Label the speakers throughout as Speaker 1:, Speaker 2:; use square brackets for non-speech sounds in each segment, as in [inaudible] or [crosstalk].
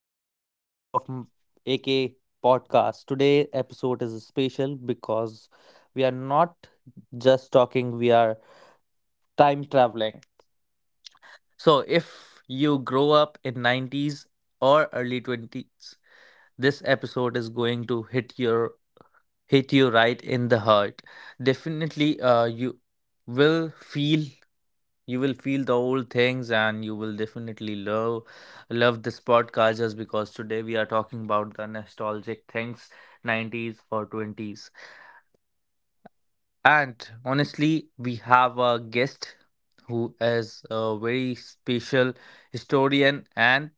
Speaker 1: another episode of AK Podcast. Today episode is special because we are not just talking, we are time traveling. So if you grow up in 90s or early 20s, this episode is going to hit you right in the heart. Definitely, will feel you will feel the old things, and you will definitely love this podcast just because today we are talking about the nostalgic things, 90s or 20s. And honestly, we have a guest who is a very special historian, and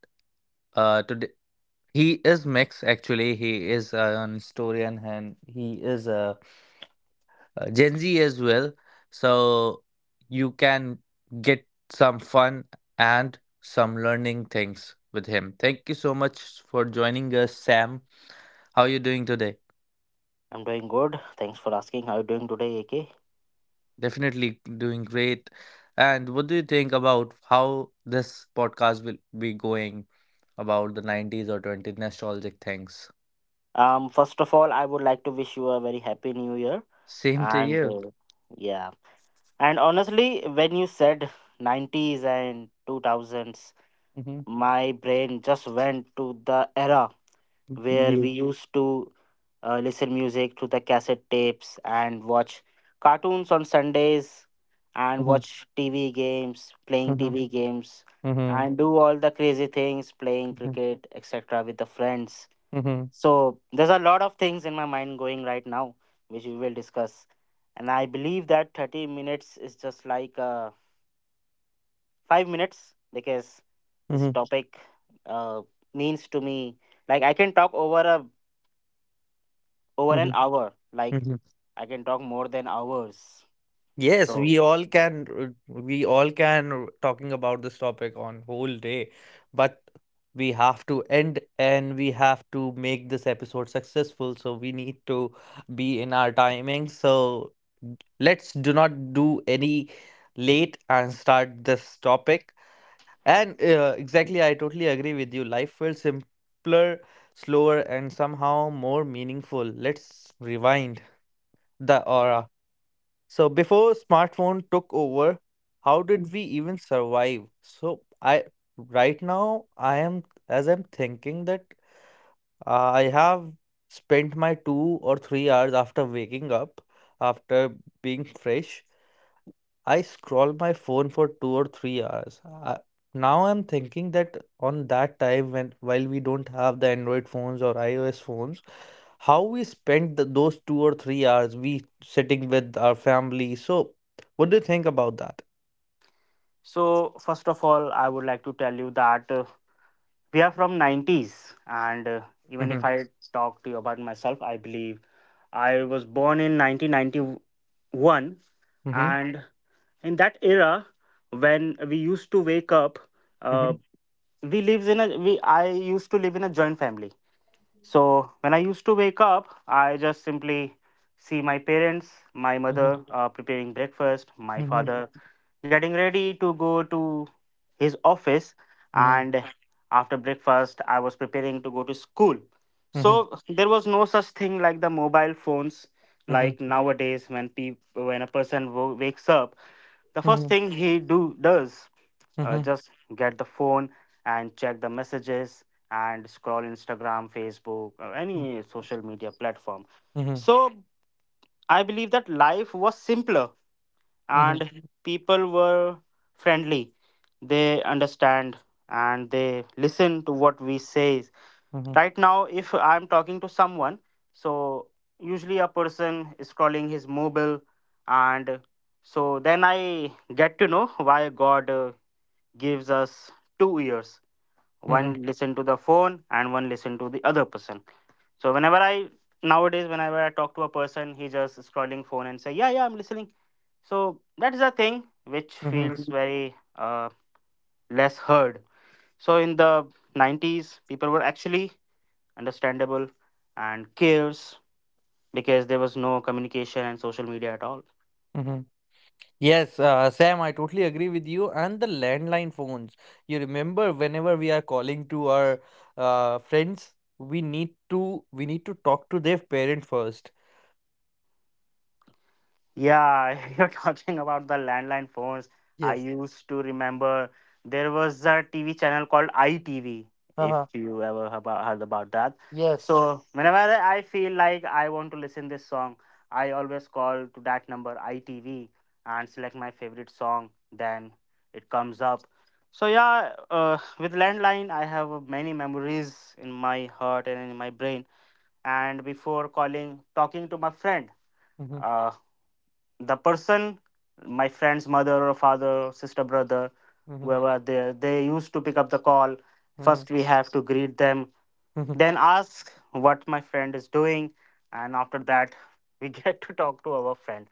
Speaker 1: today he is mixed. Actually, he is an historian, and he is a Gen Z as well. So you can get some fun and some learning things with him. Thank you so much for joining us, Sam. How are you doing today?
Speaker 2: I'm doing good. Thanks for asking. How are you doing today, AK?
Speaker 1: Definitely doing great. And what do you think about how this podcast will be going about the 90s or 20s nostalgic things?
Speaker 2: First of all, I would like to wish you a very happy new year.
Speaker 1: Same to
Speaker 2: And
Speaker 1: you.
Speaker 2: uh, yeah, and honestly, when you said 90s and 2000s,
Speaker 1: Mhm.
Speaker 2: my brain just went to the era where we
Speaker 1: Mhm.
Speaker 2: used to listen music to the cassette tapes and watch cartoons on Sundays and
Speaker 1: Mhm.
Speaker 2: watch
Speaker 1: Mhm.
Speaker 2: TV games,
Speaker 1: Mhm.
Speaker 2: and do all the crazy things, playing
Speaker 1: Mhm.
Speaker 2: cricket, etc., with the friends.
Speaker 1: Mhm.
Speaker 2: So there's a lot of things in my mind going right now, which we will discuss. And I believe that 30 minutes is just like a 5 minutes because this topic uh, means to me like I can talk over an
Speaker 1: Mhm.
Speaker 2: hour. Like
Speaker 1: Mhm.
Speaker 2: I can talk more than hours.
Speaker 1: Yes,
Speaker 2: So
Speaker 1: we all can r- we all can r- talking about this topic on whole day, but we have to end and we have to make this episode successful, so we need to be in our timing. So let's do not do any late and start this topic. And exactly, I totally agree with you. Life feels simpler, slower, and somehow more meaningful. Let's rewind the aura. So before smartphone took over, how did we even survive? So I right now I am as I'm thinking that, uh, I have spent my 2 or 3 hours after waking up, after being fresh. I scroll my phone for 2 or 3 hours. Now I'm thinking that on that time when while we don't have the Android phones or iOS phones, how we spent those 2 or 3 hours we sitting with our family. So, what do you think about that?
Speaker 2: so first of all, I would like to tell you that we are from 90s and even if
Speaker 1: Mm-hmm.
Speaker 2: I talk to you about myself, I believe I was born in 1991,
Speaker 1: Mm-hmm.
Speaker 2: and in that era when we used to wake up,
Speaker 1: Mm-hmm.
Speaker 2: uh, we lives in a we I used to live in a joint family. So when I used to wake up, I just simply see my parents, my
Speaker 1: Hmm.
Speaker 2: mother preparing breakfast, my
Speaker 1: Hmm.
Speaker 2: father getting ready to go to his office. And after breakfast, I was preparing to go to school.
Speaker 1: Hmm.
Speaker 2: So
Speaker 1: Hmm.
Speaker 2: there was no such thing like the mobile phones. Like
Speaker 1: Hmm.
Speaker 2: nowadays, when a wakes up, the first
Speaker 1: Hmm.
Speaker 2: thing he do does
Speaker 1: Hmm.
Speaker 2: just get the phone and check the messages and scroll Instagram, Facebook, or any social media platform.
Speaker 1: Hmm.
Speaker 2: So I believe that life was simpler and people were friendly. They understand and they listen to what we say. Right now, if I'm talking to someone, so usually a person is scrolling his mobile. And so then I get to know why God gives us two ears: one
Speaker 1: Hmm.
Speaker 2: listen to the phone and one listen to the other person. So whenever I Nowadays, whenever I talk to a person, he just scrolling phone and say, yeah, yeah, I'm listening. So that is a thing which feels
Speaker 1: Hmm.
Speaker 2: very less heard. So in the 90s, people were actually understandable and cares because there was no communication and social media at all.
Speaker 1: Hmm. Yes, Sam, I totally agree with you. And the landline phones. You remember whenever we are calling to our friends, we need to talk to their parent first.
Speaker 2: Yeah, [laughs] you're talking about the landline phones. I
Speaker 1: Yes.
Speaker 2: used to remember there was a TV channel called ITV, if
Speaker 1: Uh-huh.
Speaker 2: you ever heard about that.
Speaker 1: Yes.
Speaker 2: So whenever I feel like I want to listen this song, I always call to that number ITV and select my favorite song. Then it comes up. So yeah, with landline, I have many memories in my heart and in my brain. And before calling, talking to my friend,
Speaker 1: Mhm,
Speaker 2: uh, the person my friend's mother or father, sister, brother,
Speaker 1: mhm,
Speaker 2: whoever they used to pick up the call,
Speaker 1: mhm,
Speaker 2: first we have to greet them,
Speaker 1: mhm,
Speaker 2: then ask what my friend is doing, and after that [laughs] we get to talk to our friend.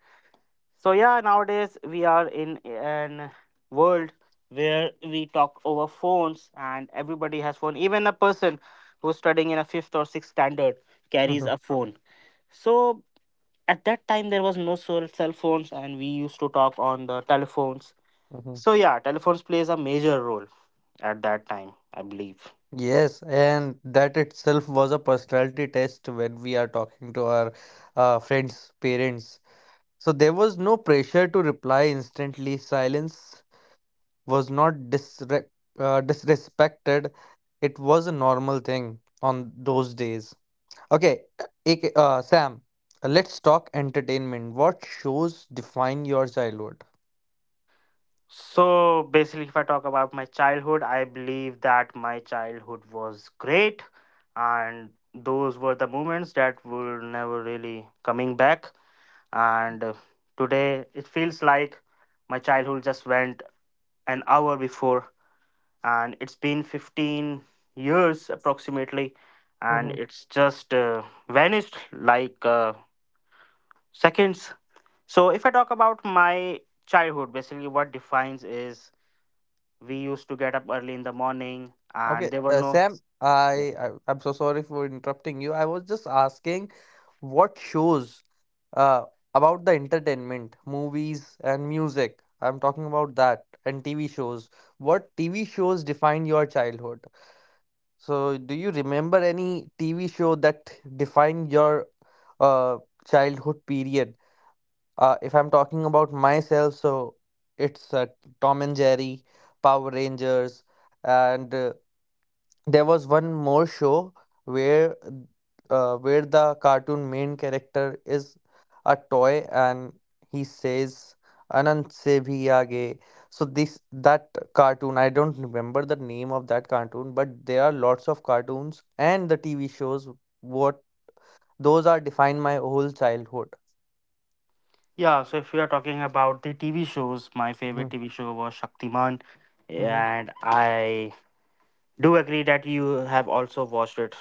Speaker 2: So yeah, nowadays we are in an world where we talk over phones and everybody has phone. Even a person who's studying in a fifth or sixth standard carries
Speaker 1: mhm,
Speaker 2: a phone. So at that time there was no cell phones, and we used to talk on the telephones.
Speaker 1: mhm.
Speaker 2: So yeah, telephones plays a major role at that time, I believe.
Speaker 1: Yes, and that itself was a personality test when we are talking to our friends' parents. So there was no pressure to reply instantly. Silence was not disrespected. It was a normal thing on those days. Okay. Sam, let's talk entertainment. What shows define your childhood?
Speaker 2: So basically, if I talk about my childhood, I believe that my childhood was great, and those were the moments that were never really coming back. And today it feels like my childhood just went an hour before, and it's been 15 years approximately, and
Speaker 1: Hmm.
Speaker 2: it's just vanished like seconds. So if I talk about my childhood, basically what defines is we used to get up early in the morning and
Speaker 1: Okay,
Speaker 2: there were no
Speaker 1: Sam,
Speaker 2: yeah.
Speaker 1: I'm so sorry for interrupting you. I was just asking what shows, uh, about the entertainment, movies and music I'm talking about that, and TV shows. What TV shows define your childhood? So, do you remember any TV show that defined your uh, childhood period? If I'm talking about myself, so it's Tom and Jerry, Power Rangers, and there was one more show where where the cartoon main character is a toy and he says anant se bhi aage. So this that cartoon, I don't remember the name of that cartoon, but there are lots of cartoons and the TV shows what those are defined my whole childhood.
Speaker 2: Yeah, so if we are talking about the TV shows, my favorite
Speaker 1: Mhm,
Speaker 2: TV show was Shaktiman.
Speaker 1: mhm,
Speaker 2: And I do agree that you have also watched it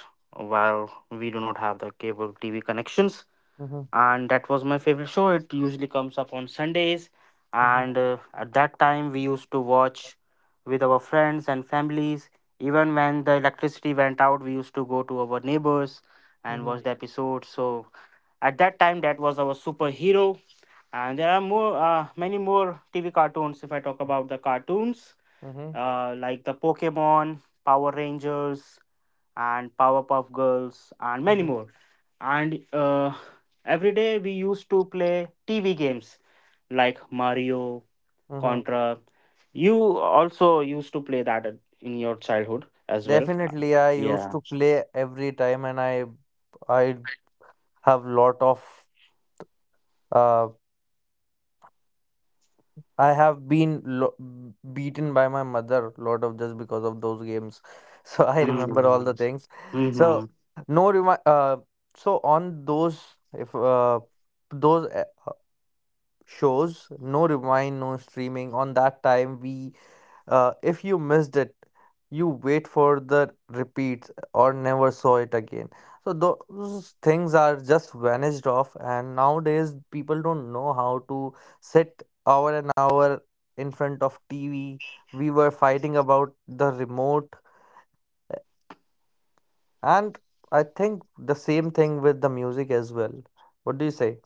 Speaker 2: while we do not have the cable TV connections,
Speaker 1: mhm,
Speaker 2: and that was my favorite show. It usually comes up on Sundays,
Speaker 1: mhm,
Speaker 2: and at that time we used to watch with our friends and families. Even when the electricity went out, we used to go to our neighbors and
Speaker 1: mhm,
Speaker 2: watch the episode. So at that time, that was our superhero. And there are more, many more TV cartoons. If I talk about the cartoons,
Speaker 1: mhm,
Speaker 2: like the Pokemon, Power Rangers, and Powerpuff Girls, and many
Speaker 1: mhm,
Speaker 2: more. And every day we used to play TV games like Mario,
Speaker 1: mhm.
Speaker 2: Contra. You also used to play that in your childhood as well.
Speaker 1: Definitely, I used
Speaker 2: Yeah.
Speaker 1: to play every time, and I have lot of, uh, I have been lo- beaten by my mother lot of just because of those games. [laughs] So I remember all the
Speaker 2: Mm-hmm.
Speaker 1: things. So
Speaker 2: Mm-hmm.
Speaker 1: no remi- so on those if those shows no remind no streaming on that time we If you missed it, you wait for the repeats, or never saw it again. So those things are just vanished off, and nowadays people don't know how to sit hour and hour in front of TV. We were fighting about the remote, uh, and I think the same thing with the music as well. What do you say?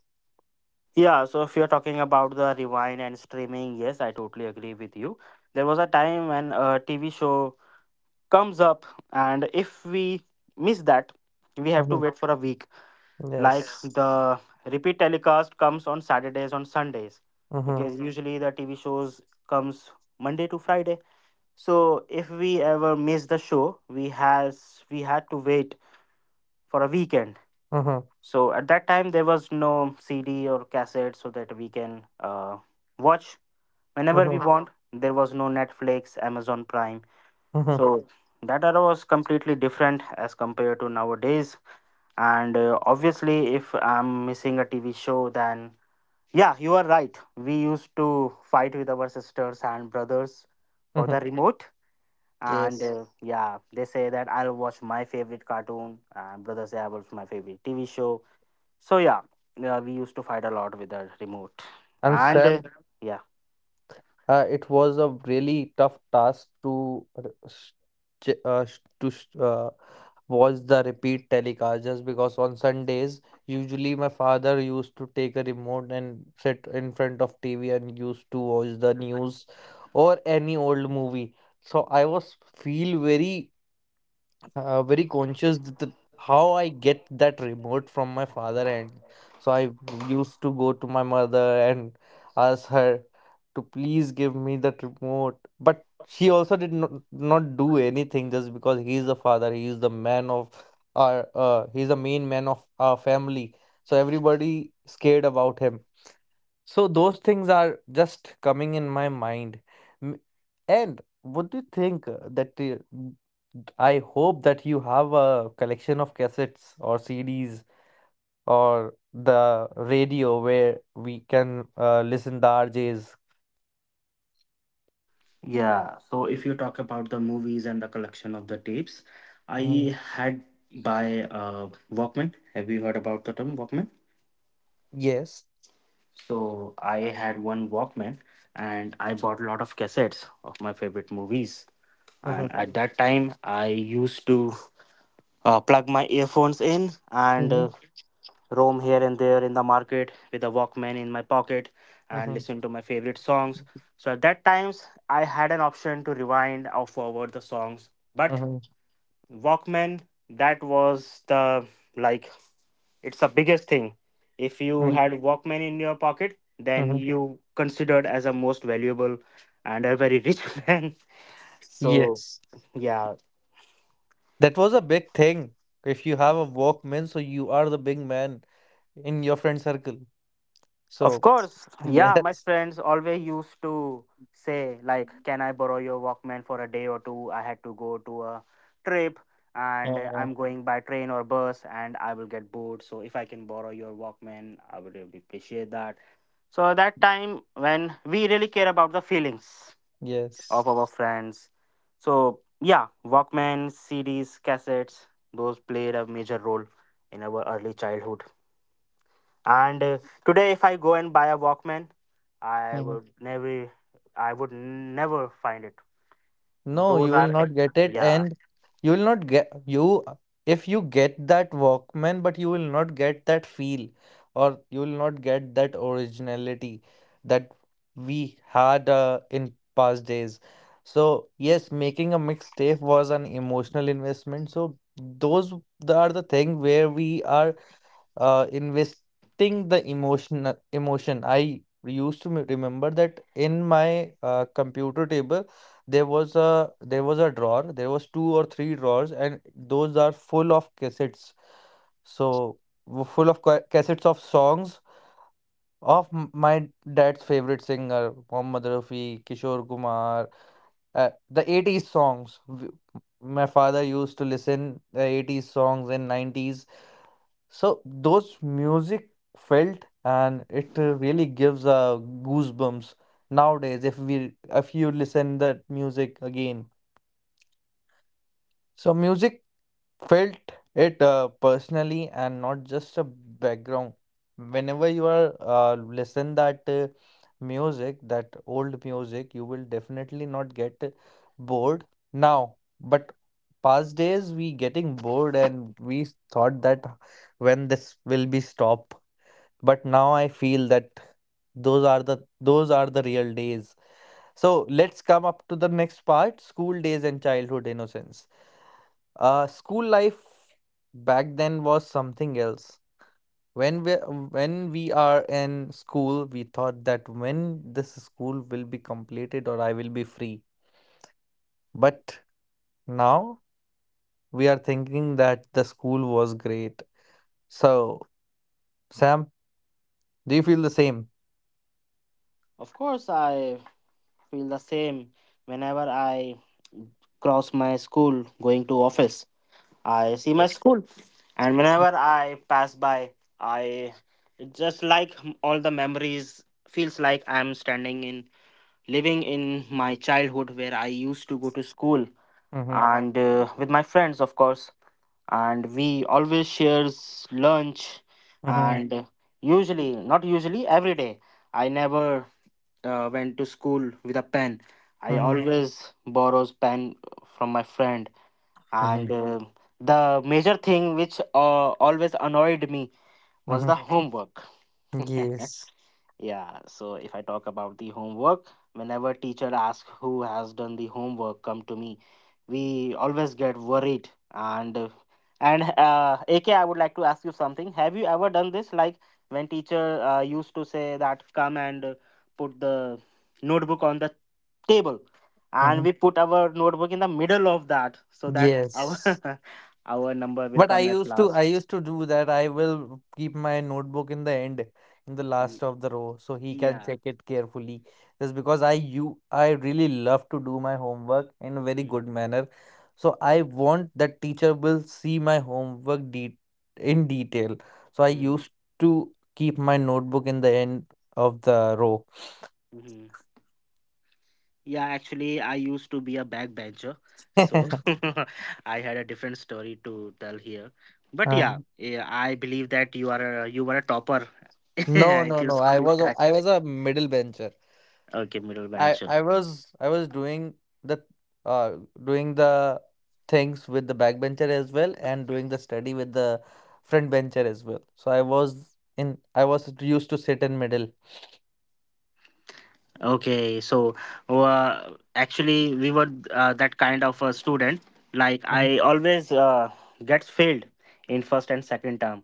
Speaker 2: Yeah, so if you're talking about the rewind and streaming, yes, I totally agree with you. There was a time when a TV show comes up, and if we miss that, we have to
Speaker 1: Mm-hmm.
Speaker 2: wait for a week, like
Speaker 1: Yes.
Speaker 2: the repeat telecast comes on Saturdays, on Sundays,
Speaker 1: Mm-hmm.
Speaker 2: because Mhm. usually the TV shows comes Monday to Friday. So if we ever miss the show, we had to wait for a weekend.
Speaker 1: Mm-hmm.
Speaker 2: So at that time there was no CD or cassette so that we can watch whenever we
Speaker 1: Mm-hmm.
Speaker 2: want. There was no Netflix, Amazon Prime.
Speaker 1: Mm-hmm.
Speaker 2: So that era was completely different as compared to nowadays. And obviously, if I'm missing a TV show, then yeah, you are right. We used to fight with our sisters and brothers for
Speaker 1: Mm-hmm.
Speaker 2: the remote. And
Speaker 1: Yes.
Speaker 2: Yes. yeah, they say that I'll watch my favorite cartoon, and brothers say I watch my favorite TV show. So yeah, yeah, we used to fight a lot with the remote.
Speaker 1: And
Speaker 2: And
Speaker 1: Sam,
Speaker 2: yeah,
Speaker 1: It was a really tough task to ch- uh, s- to s- uh, watch the repeat telecast just because on Sundays, usually my father used to take a remote and sit in front of TV and used to watch the news or any old movie. So I was feel very, very conscious that how I get that remote from my father, and so I used to go to my mother and ask her to please give me that remote. But she also did not do anything just because he is the father. He is the man of our. He's the main man of our family. So everybody scared about him. So those things are just coming in my mind. M- And what do you think, I hope that you have a collection of cassettes or CDs or the radio where we can, listen the RJs.
Speaker 2: yeah. So if you talk about the movies and the collection of the tapes,
Speaker 1: Mm,
Speaker 2: I had by Walkman. Have you heard about the term Walkman?
Speaker 1: yes.
Speaker 2: So I had one Walkman, and I bought a lot of cassettes of my favorite movies.
Speaker 1: Mm-hmm.
Speaker 2: And at that time, I used to plug my earphones in and
Speaker 1: Mm-hmm.
Speaker 2: roam here and there in the market with a Walkman in my pocket and listen to my favorite songs. So at that times, I had an option to rewind or forward the songs. But
Speaker 1: Mm-hmm.
Speaker 2: Walkman, that was the like it's the biggest thing. If you
Speaker 1: Mm-hmm.
Speaker 2: had Walkman in your pocket, then
Speaker 1: Mm-hmm.
Speaker 2: you considered as a most valuable and a very rich [laughs] man. So
Speaker 1: Yes.
Speaker 2: yeah,
Speaker 1: That was a big thing. If you have a Walkman, so you are the big man in your friend circle.
Speaker 2: of
Speaker 1: So,
Speaker 2: course, yeah. My
Speaker 1: yes.
Speaker 2: friends always used to say like, "Can I borrow your Walkman for a day or two? I had to go to a trip." And I'm going by train or bus, and I will get bored. So if I can borrow your Walkman, I would really appreciate that. So that time when we really care about the feelings
Speaker 1: Yes.
Speaker 2: of our friends. So, yeah, Walkman, CDs, cassettes, those played a major role in our early childhood. And today, if I go and buy a Walkman, I
Speaker 1: Mhm.
Speaker 2: would never, I would never find it.
Speaker 1: No,
Speaker 2: Those
Speaker 1: you will
Speaker 2: are,
Speaker 1: not get it,
Speaker 2: yeah,
Speaker 1: and you will not get you if you get that Walkman, but you will not get that feel, or you will not get that originality that we had, in past days. So yes, making a mixtape was an emotional investment. So those are the thing where we are, investing the emotion emotion I used to remember that in my, computer table, there was a drawer. There was two or three drawers, and those are full of cassettes. So cassettes of songs of my dad's favorite singer Mohammed Rafi, Kishore Kumar, the 80s songs. My father used to listen the 80s songs and 90s, so those music felt, and it, really gives, goosebumps nowadays if we if you listen that music again. So music felt it, personally and not just a background. Whenever you are, listen that, music, that old music, you will definitely not get bored now. But past days we getting bored and we thought that when this will be stop, but now I feel that those are the those are the real days. So let's come up to the next part, school days and childhood innocence. Uh, school life back then was something else. when we when we are in school, we thought that when this school will be completed or I will be free, but now we are thinking that the school was great. So Sam, do you feel the same?
Speaker 2: of course, I feel the same. Whenever I cross my school going to office, I see my school, and whenever I pass by, I it's just like all the memories feels like I'm standing in living in my childhood where I used to go to school,
Speaker 1: Mm-hmm,
Speaker 2: and with my friends, of course, and we always shares lunch,
Speaker 1: mm-hmm,
Speaker 2: and usually not usually every day. I never went to school with a pen. I
Speaker 1: mm-hmm,
Speaker 2: always borrows pen from my friend,
Speaker 1: mm-hmm,
Speaker 2: and the major thing which always annoyed me was
Speaker 1: mm-hmm.
Speaker 2: the homework. [laughs]
Speaker 1: Yes.
Speaker 2: Yeah, so if I talk about the homework, whenever teacher asks who has done the homework come to me, we always get worried. And AK, I would like to ask you something. Have you ever done this? Like when teacher used to say that come and put the notebook on the table, and
Speaker 1: Hmm.
Speaker 2: we put our notebook in the middle of that so that our
Speaker 1: Yes.
Speaker 2: [laughs] our number will
Speaker 1: But
Speaker 2: come at
Speaker 1: I
Speaker 2: last.
Speaker 1: used to do that. I will keep my notebook in the end, in the
Speaker 2: Y-
Speaker 1: last of the row, so he can
Speaker 2: yeah.
Speaker 1: check it carefully. Just because I really love to do my homework in a very good
Speaker 2: Mm.
Speaker 1: manner. So I want that teacher will see my homework de in detail. So I
Speaker 2: Mm.
Speaker 1: used to keep my notebook in the end of the row.
Speaker 2: Mhm. Yeah, actually, I used to be a backbencher, so
Speaker 1: [laughs]
Speaker 2: [laughs] I had a different story to tell here. But yeah,
Speaker 1: Um,
Speaker 2: yeah, I believe that you were a topper [laughs]
Speaker 1: no,
Speaker 2: at
Speaker 1: no,
Speaker 2: your
Speaker 1: no.
Speaker 2: school time.
Speaker 1: I was a middle bencher.
Speaker 2: Okay, middle
Speaker 1: I
Speaker 2: bencher.
Speaker 1: I was I was doing the uh the things with the backbencher as well and doing the study with the front bencher as well. So I was used to sit in middle.
Speaker 2: Okay, so actually, we were that kind of a student. Like
Speaker 1: Mhm,
Speaker 2: I always gets failed in first and second term.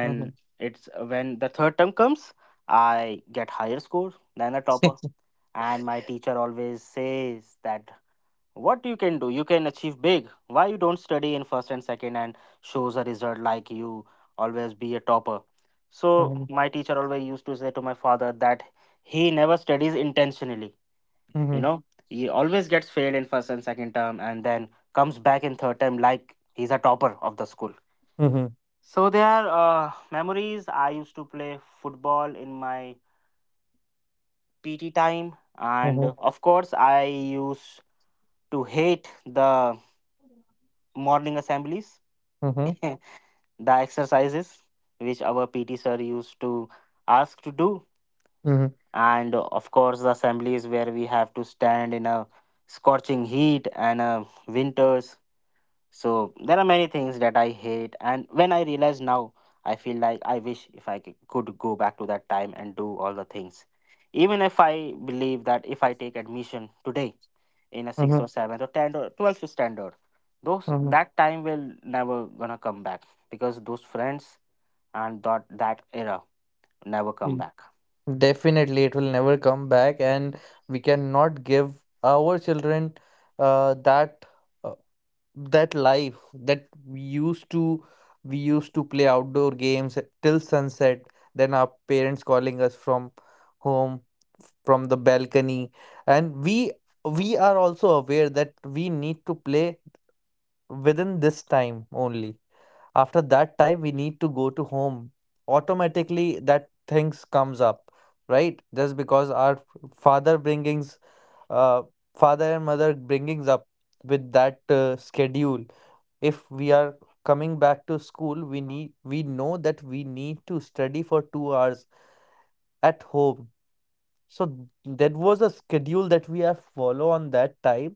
Speaker 1: mhm.
Speaker 2: it's when the third term comes, I get higher score than a topper,
Speaker 1: [laughs]
Speaker 2: and my teacher always says that what you can do you can achieve big, why you don't study in first and second and shows a result like you always be a topper. So
Speaker 1: Mhm,
Speaker 2: my teacher always used to say to my father that he never studies intentionally, you
Speaker 1: mhm,
Speaker 2: know he always gets failed in first and second term and then comes back in third term like he's a topper of the school.
Speaker 1: mhm,
Speaker 2: So there are memories. I used to play football in my PT time, and
Speaker 1: mhm,
Speaker 2: of course I used. To hate the morning assemblies,
Speaker 1: mhm,
Speaker 2: [laughs] the exercises which our PT sir used to ask to do,
Speaker 1: mhm,
Speaker 2: and of course, the assemblies where we have to stand in a scorching heat and winters. So, there are many things that I hate, and when I realize now, I feel like I wish if could go back to that time and do all the things. Even if I believe that if I take admission today, in a sixth
Speaker 1: mhm,
Speaker 2: or seventh or tenth or twelfth standard. Those
Speaker 1: mhm.
Speaker 2: that time will never gonna come back because those friends and that era never come
Speaker 1: Mm.
Speaker 2: back.
Speaker 1: [laughs] Definitely, it will never come back, and we cannot give our children, uh, that. uh, that life that we used to play outdoor games till sunset, then our parents calling us from home, from the balcony, and we are also aware that we need to play within this time only. After that time, we need to go to home. Automatically that things comes up, right, just because our father bringings uh, father and mother bringings up with that, schedule. If we are coming back to school, we know that we need to study for 2 hours at home. So that was a schedule that we have follow on that time,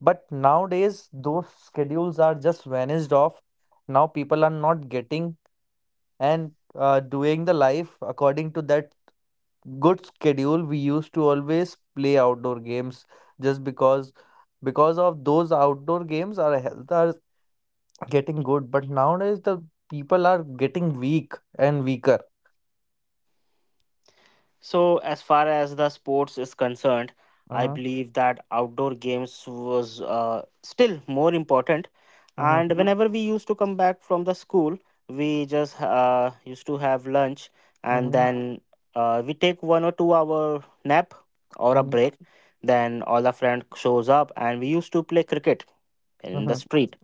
Speaker 1: but nowadays those schedules are just vanished off. Now people are not getting and, doing the life according to that good schedule. We used to always play outdoor games just because of those outdoor games our health are getting good, but nowadays the people are getting weak and weaker.
Speaker 2: So, as far as the sports is concerned, I
Speaker 1: Uh-huh,
Speaker 2: believe that outdoor games was still more important.
Speaker 1: uh-huh,
Speaker 2: And whenever we used to come back from the school, we just used to have lunch, and
Speaker 1: uh-huh,
Speaker 2: then we take 1 or 2 hour nap or a
Speaker 1: uh-huh,
Speaker 2: break. Then all the friend shows up and we used to play cricket in the
Speaker 1: uh-huh.
Speaker 2: street.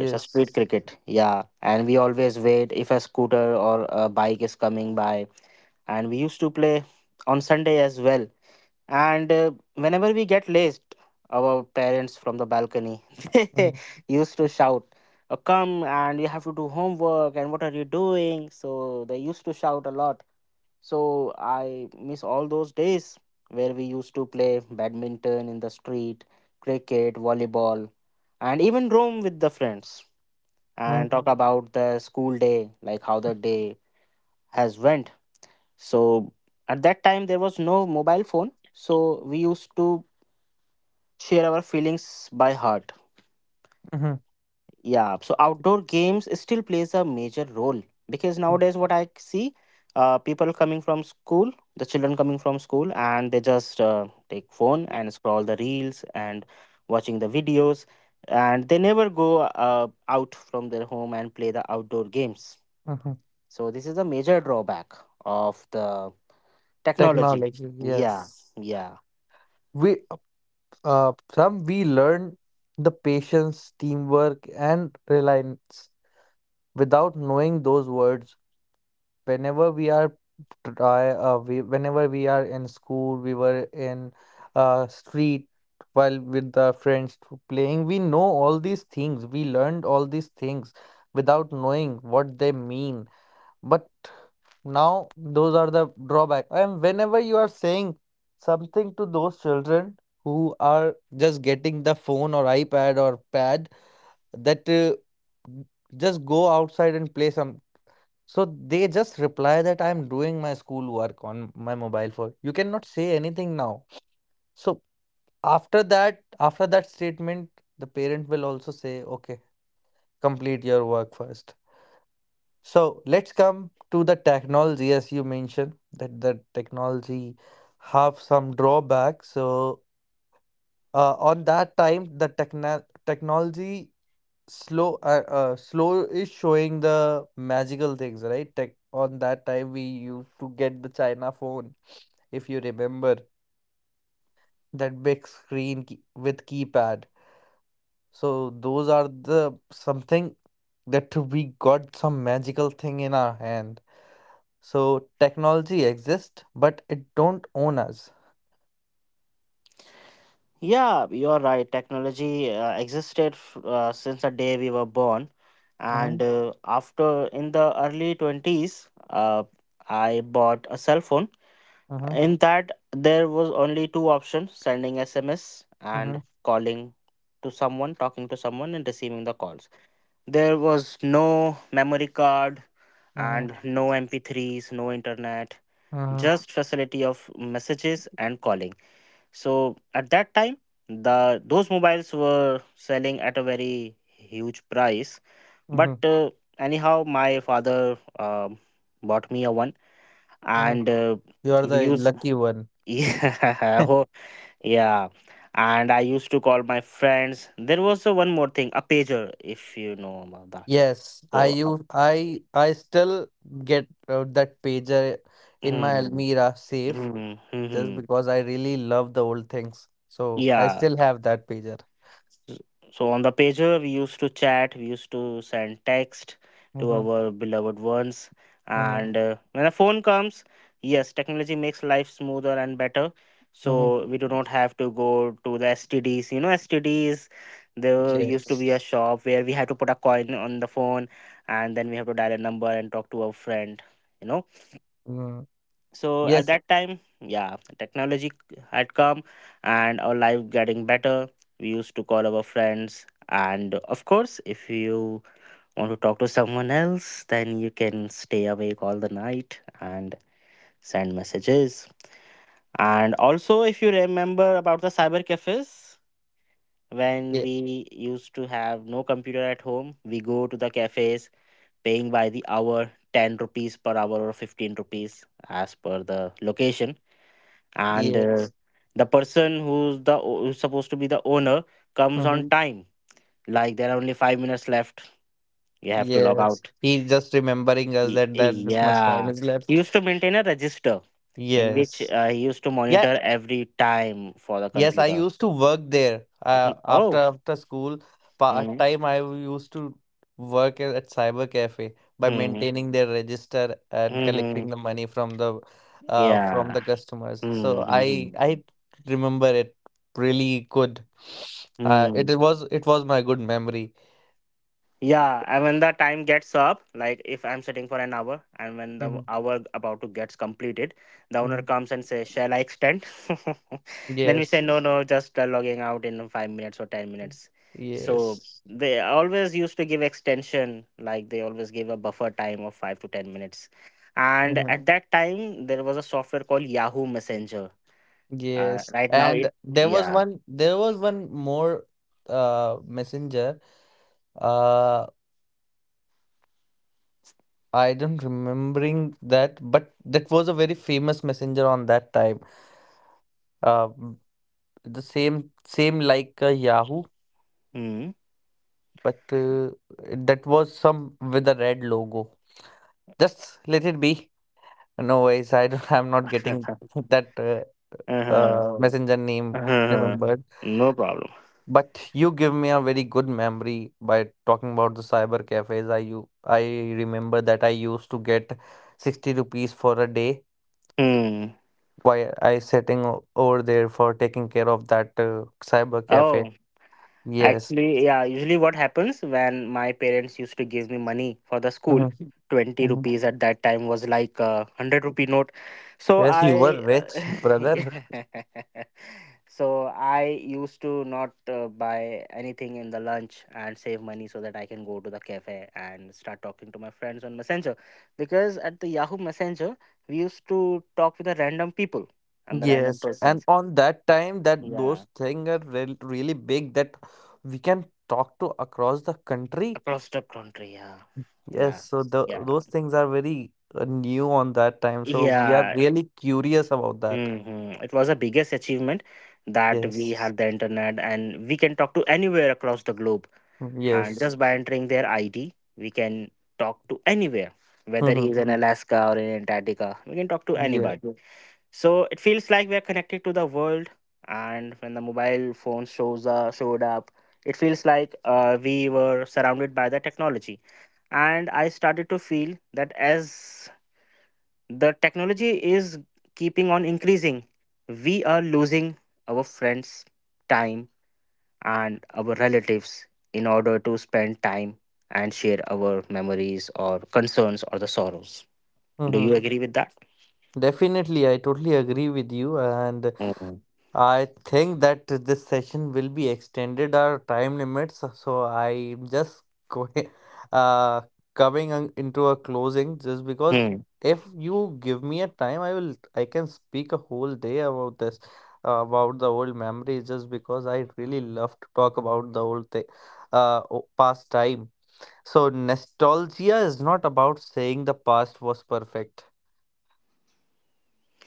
Speaker 2: It's a street cricket, yeah. And we always wait if a scooter or a bike is coming by. And we used to play on Sunday as well. And whenever we get laced, our parents from the balcony [laughs] they
Speaker 1: Uh-huh,
Speaker 2: used to shout, "Oh, come and you have to do homework. And what are you doing?" So they used to shout a lot. So I miss all those days where we used to play badminton in the street, cricket, volleyball, and even roam with the friends and
Speaker 1: uh-huh,
Speaker 2: talk about the school day, like how the day has went. So at that time there was no mobile phone, so we used to share our feelings by heart.
Speaker 1: uh-huh,
Speaker 2: Yeah, so outdoor games still plays a major role, because nowadays what I see, people coming from school, the children coming from school, and they just take phone and scroll the reels and watching the videos, and they never go out from their home and play the outdoor games.
Speaker 1: uh-huh.
Speaker 2: So this is a major drawback of the technology.
Speaker 1: Technology,
Speaker 2: Yeah,
Speaker 1: yes.
Speaker 2: yeah,
Speaker 1: We uh, uh, some we learn the patience, teamwork and reliance without knowing those words. whenever we are Whenever we are in school, we were in street while with the friends to playing, we know all these things, we learned all these things without knowing what they mean. But now those are the drawback, and whenever you are saying something to those children who are just getting the phone or iPad or pad, that just go outside and play some. So they just reply that, "I'm doing my schoolwork on my mobile phone. You cannot say anything now." So after that statement, the parent will also say, "Okay, complete your work first." So let's come to the technology. As you mentioned that the technology have some drawbacks. So on that time, the technology slow, slow is showing the magical things, right? Tech on that time, we used to get the China phone, if you remember, that big screen with keypad. So those are the something that we got, some magical thing in our hand. So technology exists, but it don't own us.
Speaker 2: yeah. You're right. Technology existed since the day we were born, and
Speaker 1: Mhm,
Speaker 2: after in the early twenties, I bought a cell phone.
Speaker 1: mhm,
Speaker 2: In that, there was only two options: sending SMS and
Speaker 1: mhm,
Speaker 2: calling to someone, talking to someone, and receiving the calls. There was no memory card
Speaker 1: mhm,
Speaker 2: and no MP3s, no internet,
Speaker 1: mhm,
Speaker 2: just facility of messages and calling. So at that time the those mobiles were selling at a very huge price, but
Speaker 1: mhm,
Speaker 2: anyhow my father bought me a one,
Speaker 1: mhm.
Speaker 2: and
Speaker 1: You are
Speaker 2: we
Speaker 1: the
Speaker 2: used
Speaker 1: lucky one.
Speaker 2: [laughs] yeah, oh, yeah. And I used to call my friends. There was one more thing, a pager, if you know about that.
Speaker 1: Yes, I
Speaker 2: So a.
Speaker 1: use I still get that pager in my
Speaker 2: Mm,
Speaker 1: Almira safe,
Speaker 2: mm,
Speaker 1: just
Speaker 2: mhm.
Speaker 1: because I really love the old things. So I
Speaker 2: Yeah.
Speaker 1: still have that pager.
Speaker 2: S- So on the pager, we used to chat, we used to send text to
Speaker 1: Mm-hmm.
Speaker 2: our beloved ones.
Speaker 1: Mm-hmm.
Speaker 2: And when a phone comes, yes, technology makes life smoother and better.
Speaker 1: Mm-hmm.
Speaker 2: So we do not have to go to the STDs. You know, STDs, there used to be
Speaker 1: Yes.
Speaker 2: a shop where we had to put a coin on the phone and then we have to dial a number and talk to our friend. You know,
Speaker 1: Mm.
Speaker 2: so at
Speaker 1: Yes.
Speaker 2: that time, yeah, technology had come and our life getting better. We used to call our friends, and of course if you want to talk to someone else, then you can stay awake all the night and send messages. And also if you remember about the cyber cafes, when
Speaker 1: ye-
Speaker 2: we used to have no computer at home, we go to the cafes, paying by the hour, 10 rupees per hour or 15 rupees as per the location. And
Speaker 1: Yes.
Speaker 2: the person who's supposed to be the owner comes on
Speaker 1: Mm-hmm.
Speaker 2: time, like there are only 5 minutes left, you have to log
Speaker 1: Yes,
Speaker 2: out.
Speaker 1: he's just remembering us that this much time
Speaker 2: Yeah,
Speaker 1: is
Speaker 2: he
Speaker 1: left.
Speaker 2: used to maintain a register in which
Speaker 1: Yes.
Speaker 2: he used to
Speaker 1: Yeah.
Speaker 2: monitor every time for the
Speaker 1: Yes, I
Speaker 2: computer.
Speaker 1: used
Speaker 2: [laughs]
Speaker 1: to work there.
Speaker 2: Mhm.
Speaker 1: After
Speaker 2: Oh,
Speaker 1: school, part
Speaker 2: mm-hmm.
Speaker 1: time I used to work at Cyber Cafe, by
Speaker 2: Mm-hmm.
Speaker 1: maintaining their register and
Speaker 2: Mm-hmm.
Speaker 1: collecting the money from the uh, from
Speaker 2: Yeah,
Speaker 1: the customers. So I
Speaker 2: mm-hmm.
Speaker 1: I remember it really good.
Speaker 2: Mm-hmm.
Speaker 1: It was my good memory.
Speaker 2: Yeah, and when the time gets up, like if I'm sitting for an hour, and when the
Speaker 1: Hmm.
Speaker 2: hour about to gets completed, the owner
Speaker 1: Hmm.
Speaker 2: comes and says, "Shall I extend?" [laughs] Then we
Speaker 1: Yes.
Speaker 2: say, "No, no, just logging out in 5 minutes or 10 minutes." So
Speaker 1: Yes.
Speaker 2: they always used to give extension, like they always give a buffer time of 5 to 10 minutes. And
Speaker 1: Mhm.
Speaker 2: at that time, there was a software called Yahoo Messenger.
Speaker 1: Yes.
Speaker 2: Right now,
Speaker 1: And
Speaker 2: it
Speaker 1: there was
Speaker 2: yeah.
Speaker 1: one, there was one more messenger. Uh I don't remembering that, but that was a very famous messenger on that time. Uh, m- the same like Yahoo,
Speaker 2: Hmm.
Speaker 1: but that was some with a red logo. Just let it be. No ways. I don't, [laughs] I'm not
Speaker 2: [laughs]
Speaker 1: getting [laughs] that
Speaker 2: uh-huh.
Speaker 1: messenger name
Speaker 2: Uh-huh.
Speaker 1: remembered.
Speaker 2: No problem.
Speaker 1: But you give me a very good memory by talking about the cyber cafes. I remember that I used to get 60 rupees for a day.
Speaker 2: Hmm.
Speaker 1: Why I sitting o over there for taking care of that cyber
Speaker 2: Oh,
Speaker 1: cafe. Yes.
Speaker 2: actually, yeah. Usually, what happens when my parents used to give me money for the school,
Speaker 1: Mhm.
Speaker 2: 20
Speaker 1: Mhm.
Speaker 2: rupees at that time was like a 100 rupee note. So
Speaker 1: Yes, you were
Speaker 2: I,
Speaker 1: rich,
Speaker 2: [laughs]
Speaker 1: brother.
Speaker 2: yeah. So I used to not buy anything in the lunch and save money so that I can go to the cafe and start talking to my friends on Messenger. Because at the Yahoo Messenger, we used to talk with the random people and the random
Speaker 1: Yes, and
Speaker 2: persons.
Speaker 1: on that time, that
Speaker 2: Yeah.
Speaker 1: those things are real really big, that we can talk to across the country.
Speaker 2: Across the country. Yeah, yeah,
Speaker 1: Yes, so the
Speaker 2: yeah,
Speaker 1: those things are very new on that time. So we are
Speaker 2: yeah.
Speaker 1: really curious about that.
Speaker 2: Hmm, it was the biggest achievement that we
Speaker 1: Yes.
Speaker 2: had the internet and we can talk to anywhere across the globe, and
Speaker 1: Yes.
Speaker 2: just by entering their ID, we can talk to anywhere, whether
Speaker 1: Mm-hmm.
Speaker 2: he's in Alaska or in Antarctica, we can talk to
Speaker 1: Yeah.
Speaker 2: anybody. So it feels like we are connected to the world, and when the mobile phone shows showed up, it feels like we were surrounded by the technology. And I started to feel that as the technology is keeping on increasing, we are losing our friends' time and our relatives, in order to spend time and share our memories or concerns or the sorrows. Do you
Speaker 1: Mm-hmm.
Speaker 2: agree with that?
Speaker 1: Definitely, I totally agree with you. And I think that this session will be extended our time limits, so I'm just going, [laughs] uh, coming into a closing, just because
Speaker 2: Mm.
Speaker 1: if you give me a time, I can speak a whole day about this, about the old memories, just because I really love to talk about the old thing, past time. So nostalgia is not about saying the past was perfect.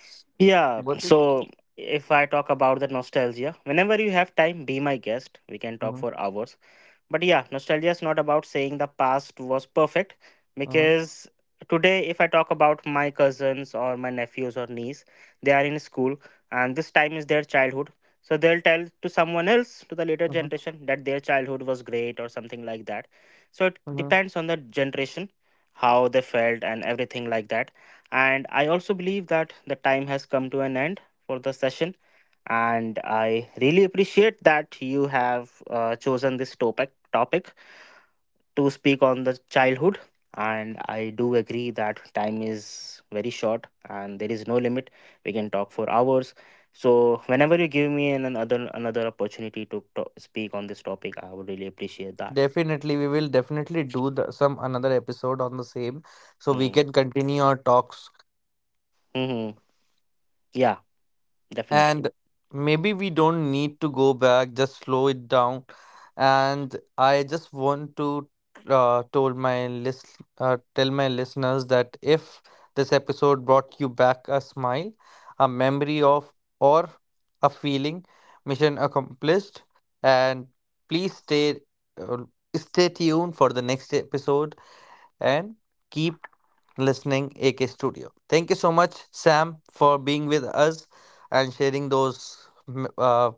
Speaker 1: S-
Speaker 2: Yeah,
Speaker 1: What is?
Speaker 2: so if I talk about the nostalgia, whenever you have time, be my guest. We can talk
Speaker 1: Mm-hmm.
Speaker 2: for hours. But yeah, nostalgia is not about saying the past was perfect,
Speaker 1: Mm-hmm.
Speaker 2: because today, if I talk about my cousins or my nephews or niece, they are in school and this time is their childhood. So they'll tell to someone else, to the later
Speaker 1: Mm-hmm.
Speaker 2: generation, that their childhood was great or something like that. So it
Speaker 1: Mm-hmm.
Speaker 2: depends on the generation, how they felt, and everything like that. And I also believe that the time has come to an end for the session, and I really appreciate that you have chosen this topic to speak on the childhood. And I do agree that time is very short and there is no limit, we can talk for hours. So whenever you give me another opportunity to speak on this topic, I would really appreciate that.
Speaker 1: Definitely, we will definitely do the, some another episode on the same, so we
Speaker 2: Mm.
Speaker 1: can continue our talks.
Speaker 2: Hmm. Yeah. Definitely.
Speaker 1: And maybe we don't need to go back, just slow it down. And I just want to tell my listeners that if this episode brought you back a smile, a memory of, or a feeling, mission accomplished. And please stay, uh, stay tuned for the next episode and keep listening AK Studio. Thank you so much, Sam, for being with us and sharing those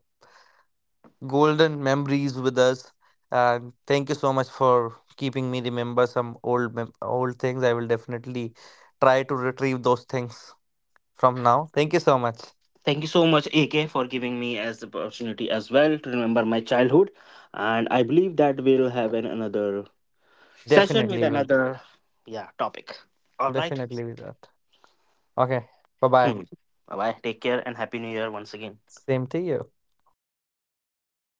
Speaker 1: golden memories with us. And thank you so much for keeping me remember some old things. I will definitely try to retrieve those things from now. Thank you so much.
Speaker 2: Thank you so much, AK, for giving me as the opportunity as well to remember my childhood. And I believe that we'll have another session with
Speaker 1: Definitely will.
Speaker 2: another, yeah, topic. All right.
Speaker 1: Definitely will that. Okay. Bye bye.
Speaker 2: Hmm. Bye bye. Take care and happy new year once again.
Speaker 1: Same to you.